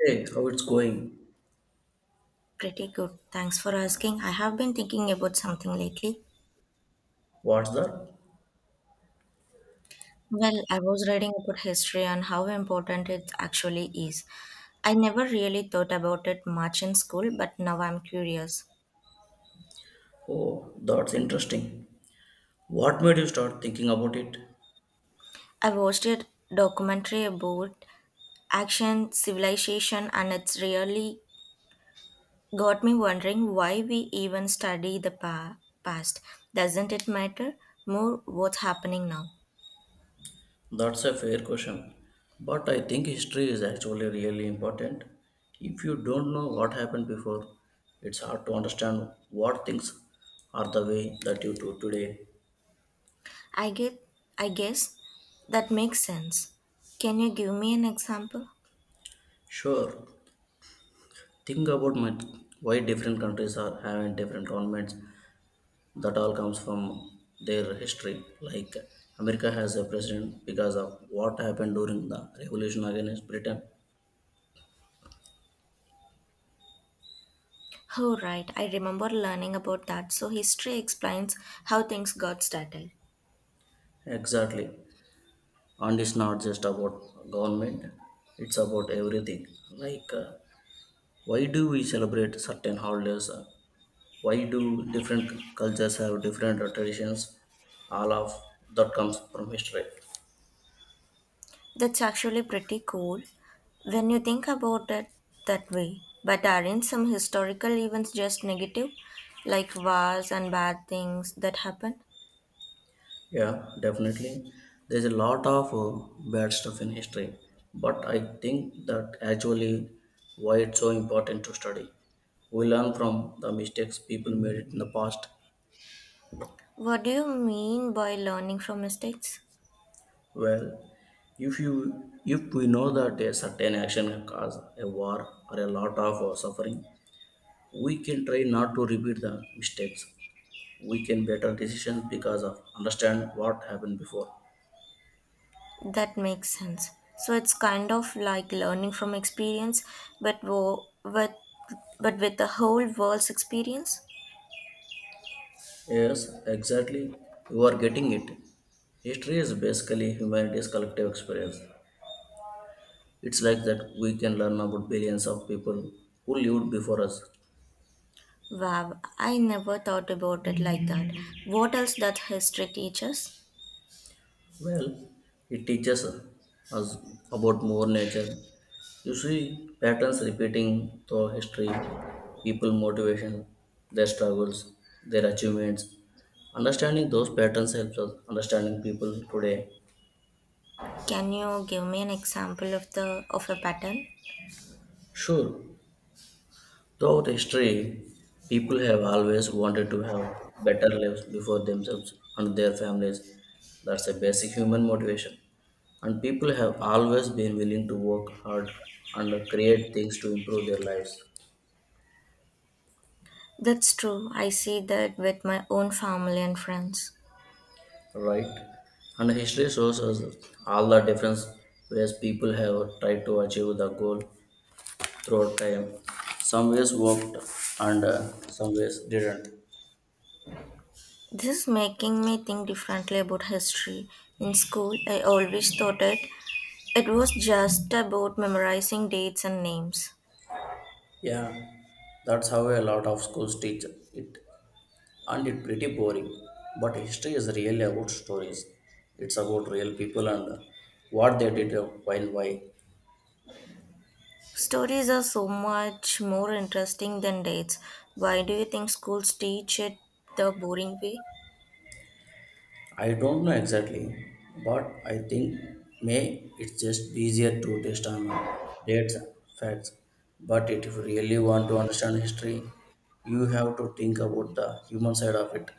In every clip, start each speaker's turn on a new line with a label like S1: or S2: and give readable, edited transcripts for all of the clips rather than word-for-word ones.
S1: Hey, how it's going?
S2: Pretty good. Thanks for asking. I have been thinking about something lately.
S1: What's that?
S2: Well, I was reading about history and how important it actually is. I never really thought about it much in school, but now I'm curious.
S1: Oh, that's interesting. What made you start thinking about it?
S2: I watched a documentary about ancient civilization, and it's really got me wondering why we even study past. Doesn't it matter more what's happening now?
S1: That's a fair question. But I think history is actually really important. If you don't know what happened before, it's hard to understand what things are the way that you do today.
S2: I get I guess that makes sense. Can you give me an example?
S1: Sure, think about why different countries are having different governments that all comes from their history. Like America has a president because of what happened during the revolution against Britain.
S2: Oh right, I remember learning about that. So history explains how things got started.
S1: Exactly. And it's not just about government, it's about everything. Like, why do we celebrate certain holidays? Why do different cultures have different traditions? All of that comes from history.
S2: That's actually pretty cool when you think about it that way. But aren't some historical events just negative? Like wars and bad things that happen?
S1: Yeah, definitely. There's a lot of bad stuff in history, but I think that actually why it's so important to study. We learn from the mistakes people made in the past.
S2: What do you mean by learning from mistakes?
S1: Well, if we know that a certain action can cause a war or a lot of suffering, we can try not to repeat the mistakes. We can better decisions because of understand what happened before.
S2: That makes sense. So it's kind of like learning from experience, but wo- with but with the whole world's experience.
S1: Yes, exactly. You are getting it. History is basically humanity's collective experience. It's like that we can learn about billions of people who lived before us.
S2: Wow, I never thought about it like that. What else that history teaches?
S1: Well, it teaches us about more nature. You see patterns repeating through history, people motivation, their struggles, their achievements. Understanding those patterns helps us understanding people today.
S2: Can you give me an example of the of a pattern?
S1: Sure, throughout history, people have always wanted to have better lives before themselves and their families. That's a basic human motivation. And people have always been willing to work hard and create things to improve their lives,
S2: That's true. I see that with my own family and friends.
S1: right? And history shows us all the different ways people have tried to achieve the goal throughout time. Some ways worked and some ways didn't.
S2: This is making me think differently about history. In school, I always thought it was just about memorizing dates and names.
S1: Yeah, that's how a lot of schools teach it and it pretty boring, but history is really about stories. It's about real people and what they did, and why.
S2: Stories are so much more interesting than dates. Why do you think schools teach it the boring way?
S1: I don't know exactly, but I think may it's just easier to test on dates, facts. But if you really want to understand history, you have to think about the human side of it.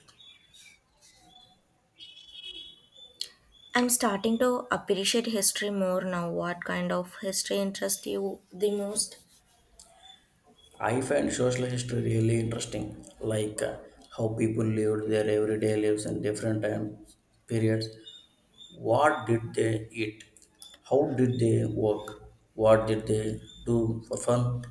S2: I'm starting to appreciate history more now. What kind of history interests you the most?
S1: I find social history really interesting, like, how people lived their everyday lives in different time periods. What did they eat? How did they work? What did they do for fun?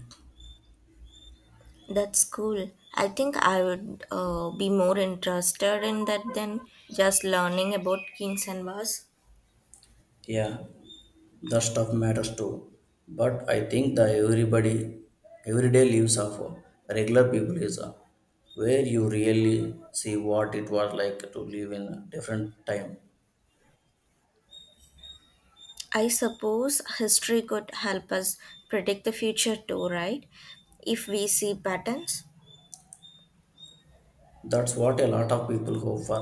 S2: That's cool. I think I would be more interested in that than just learning about kings and wars.
S1: Yeah, the stuff matters too. But I think the everyday lives of regular people is where you really see what it was like to live in a different time.
S2: I suppose history could help us predict the future too, right? If we see patterns.
S1: That's what a lot of people go for.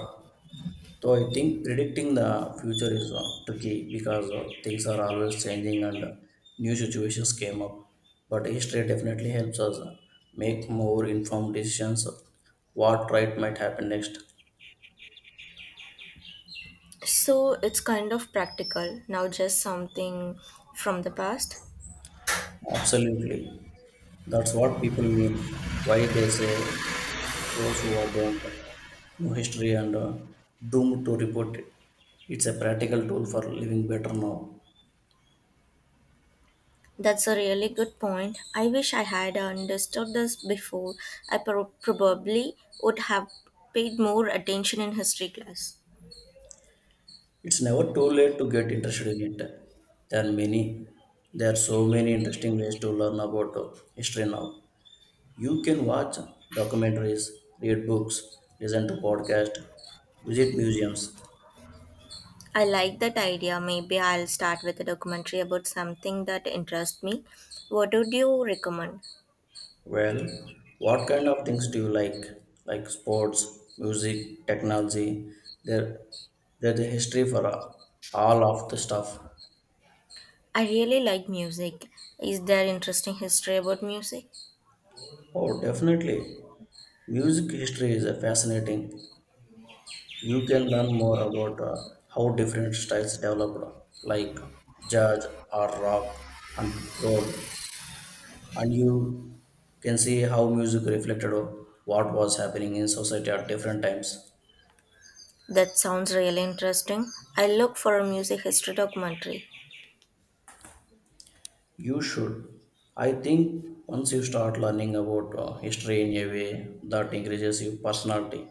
S1: So I think predicting the future is tricky because things are always changing and new situations came up. But history definitely helps us make more informed decisions of what right might happen next.
S2: So it's kind of practical, now just something from the past.
S1: Absolutely. That's what people mean. Why they say those who are don't know history and doomed to report it. It's a practical tool for living better now.
S2: That's a really good point. I wish I had understood this before. Probably would have paid more attention in history class.
S1: It's never too late to get interested in it. There are many, there are so many interesting ways to learn about history now. You can watch documentaries, read books, listen to podcasts, visit museums.
S2: I like that idea. Maybe I'll start with a documentary about something that interests me. What would you recommend?
S1: Well, what kind of things do you like? Like sports, music, technology. There, there's a history for all of the stuff.
S2: I really like music. Is there interesting history about music?
S1: Oh, definitely. Music history is a fascinating. You can learn more about how different styles developed, like jazz or rock and roll. And you can see how music reflected what was happening in society at different times.
S2: That sounds really interesting. I look for a music history documentary.
S1: You should. I think once you start learning about history in a way that increases your personality,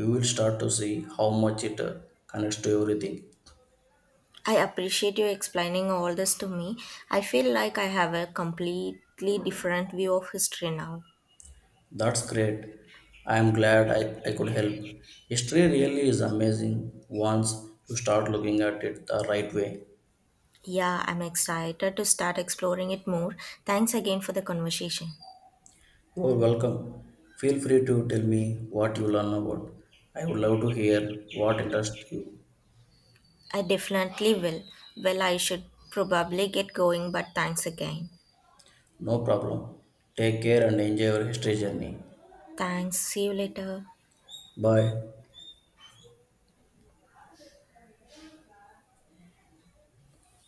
S1: you will start to see how much it, connects to everything.
S2: I appreciate you explaining all this to me. I feel like I have a completely different view of history now.
S1: That's great. I am glad I could help. History really is amazing once you start looking at it the right way.
S2: Yeah, I'm excited to start exploring it more. Thanks again for the conversation.
S1: You are welcome. Feel free to tell me what you learn about. I would love to hear what interests you.
S2: I definitely will. Well, I should probably get going, but thanks again.
S1: No problem. Take care and enjoy your history journey.
S2: Thanks. See you later.
S1: Bye.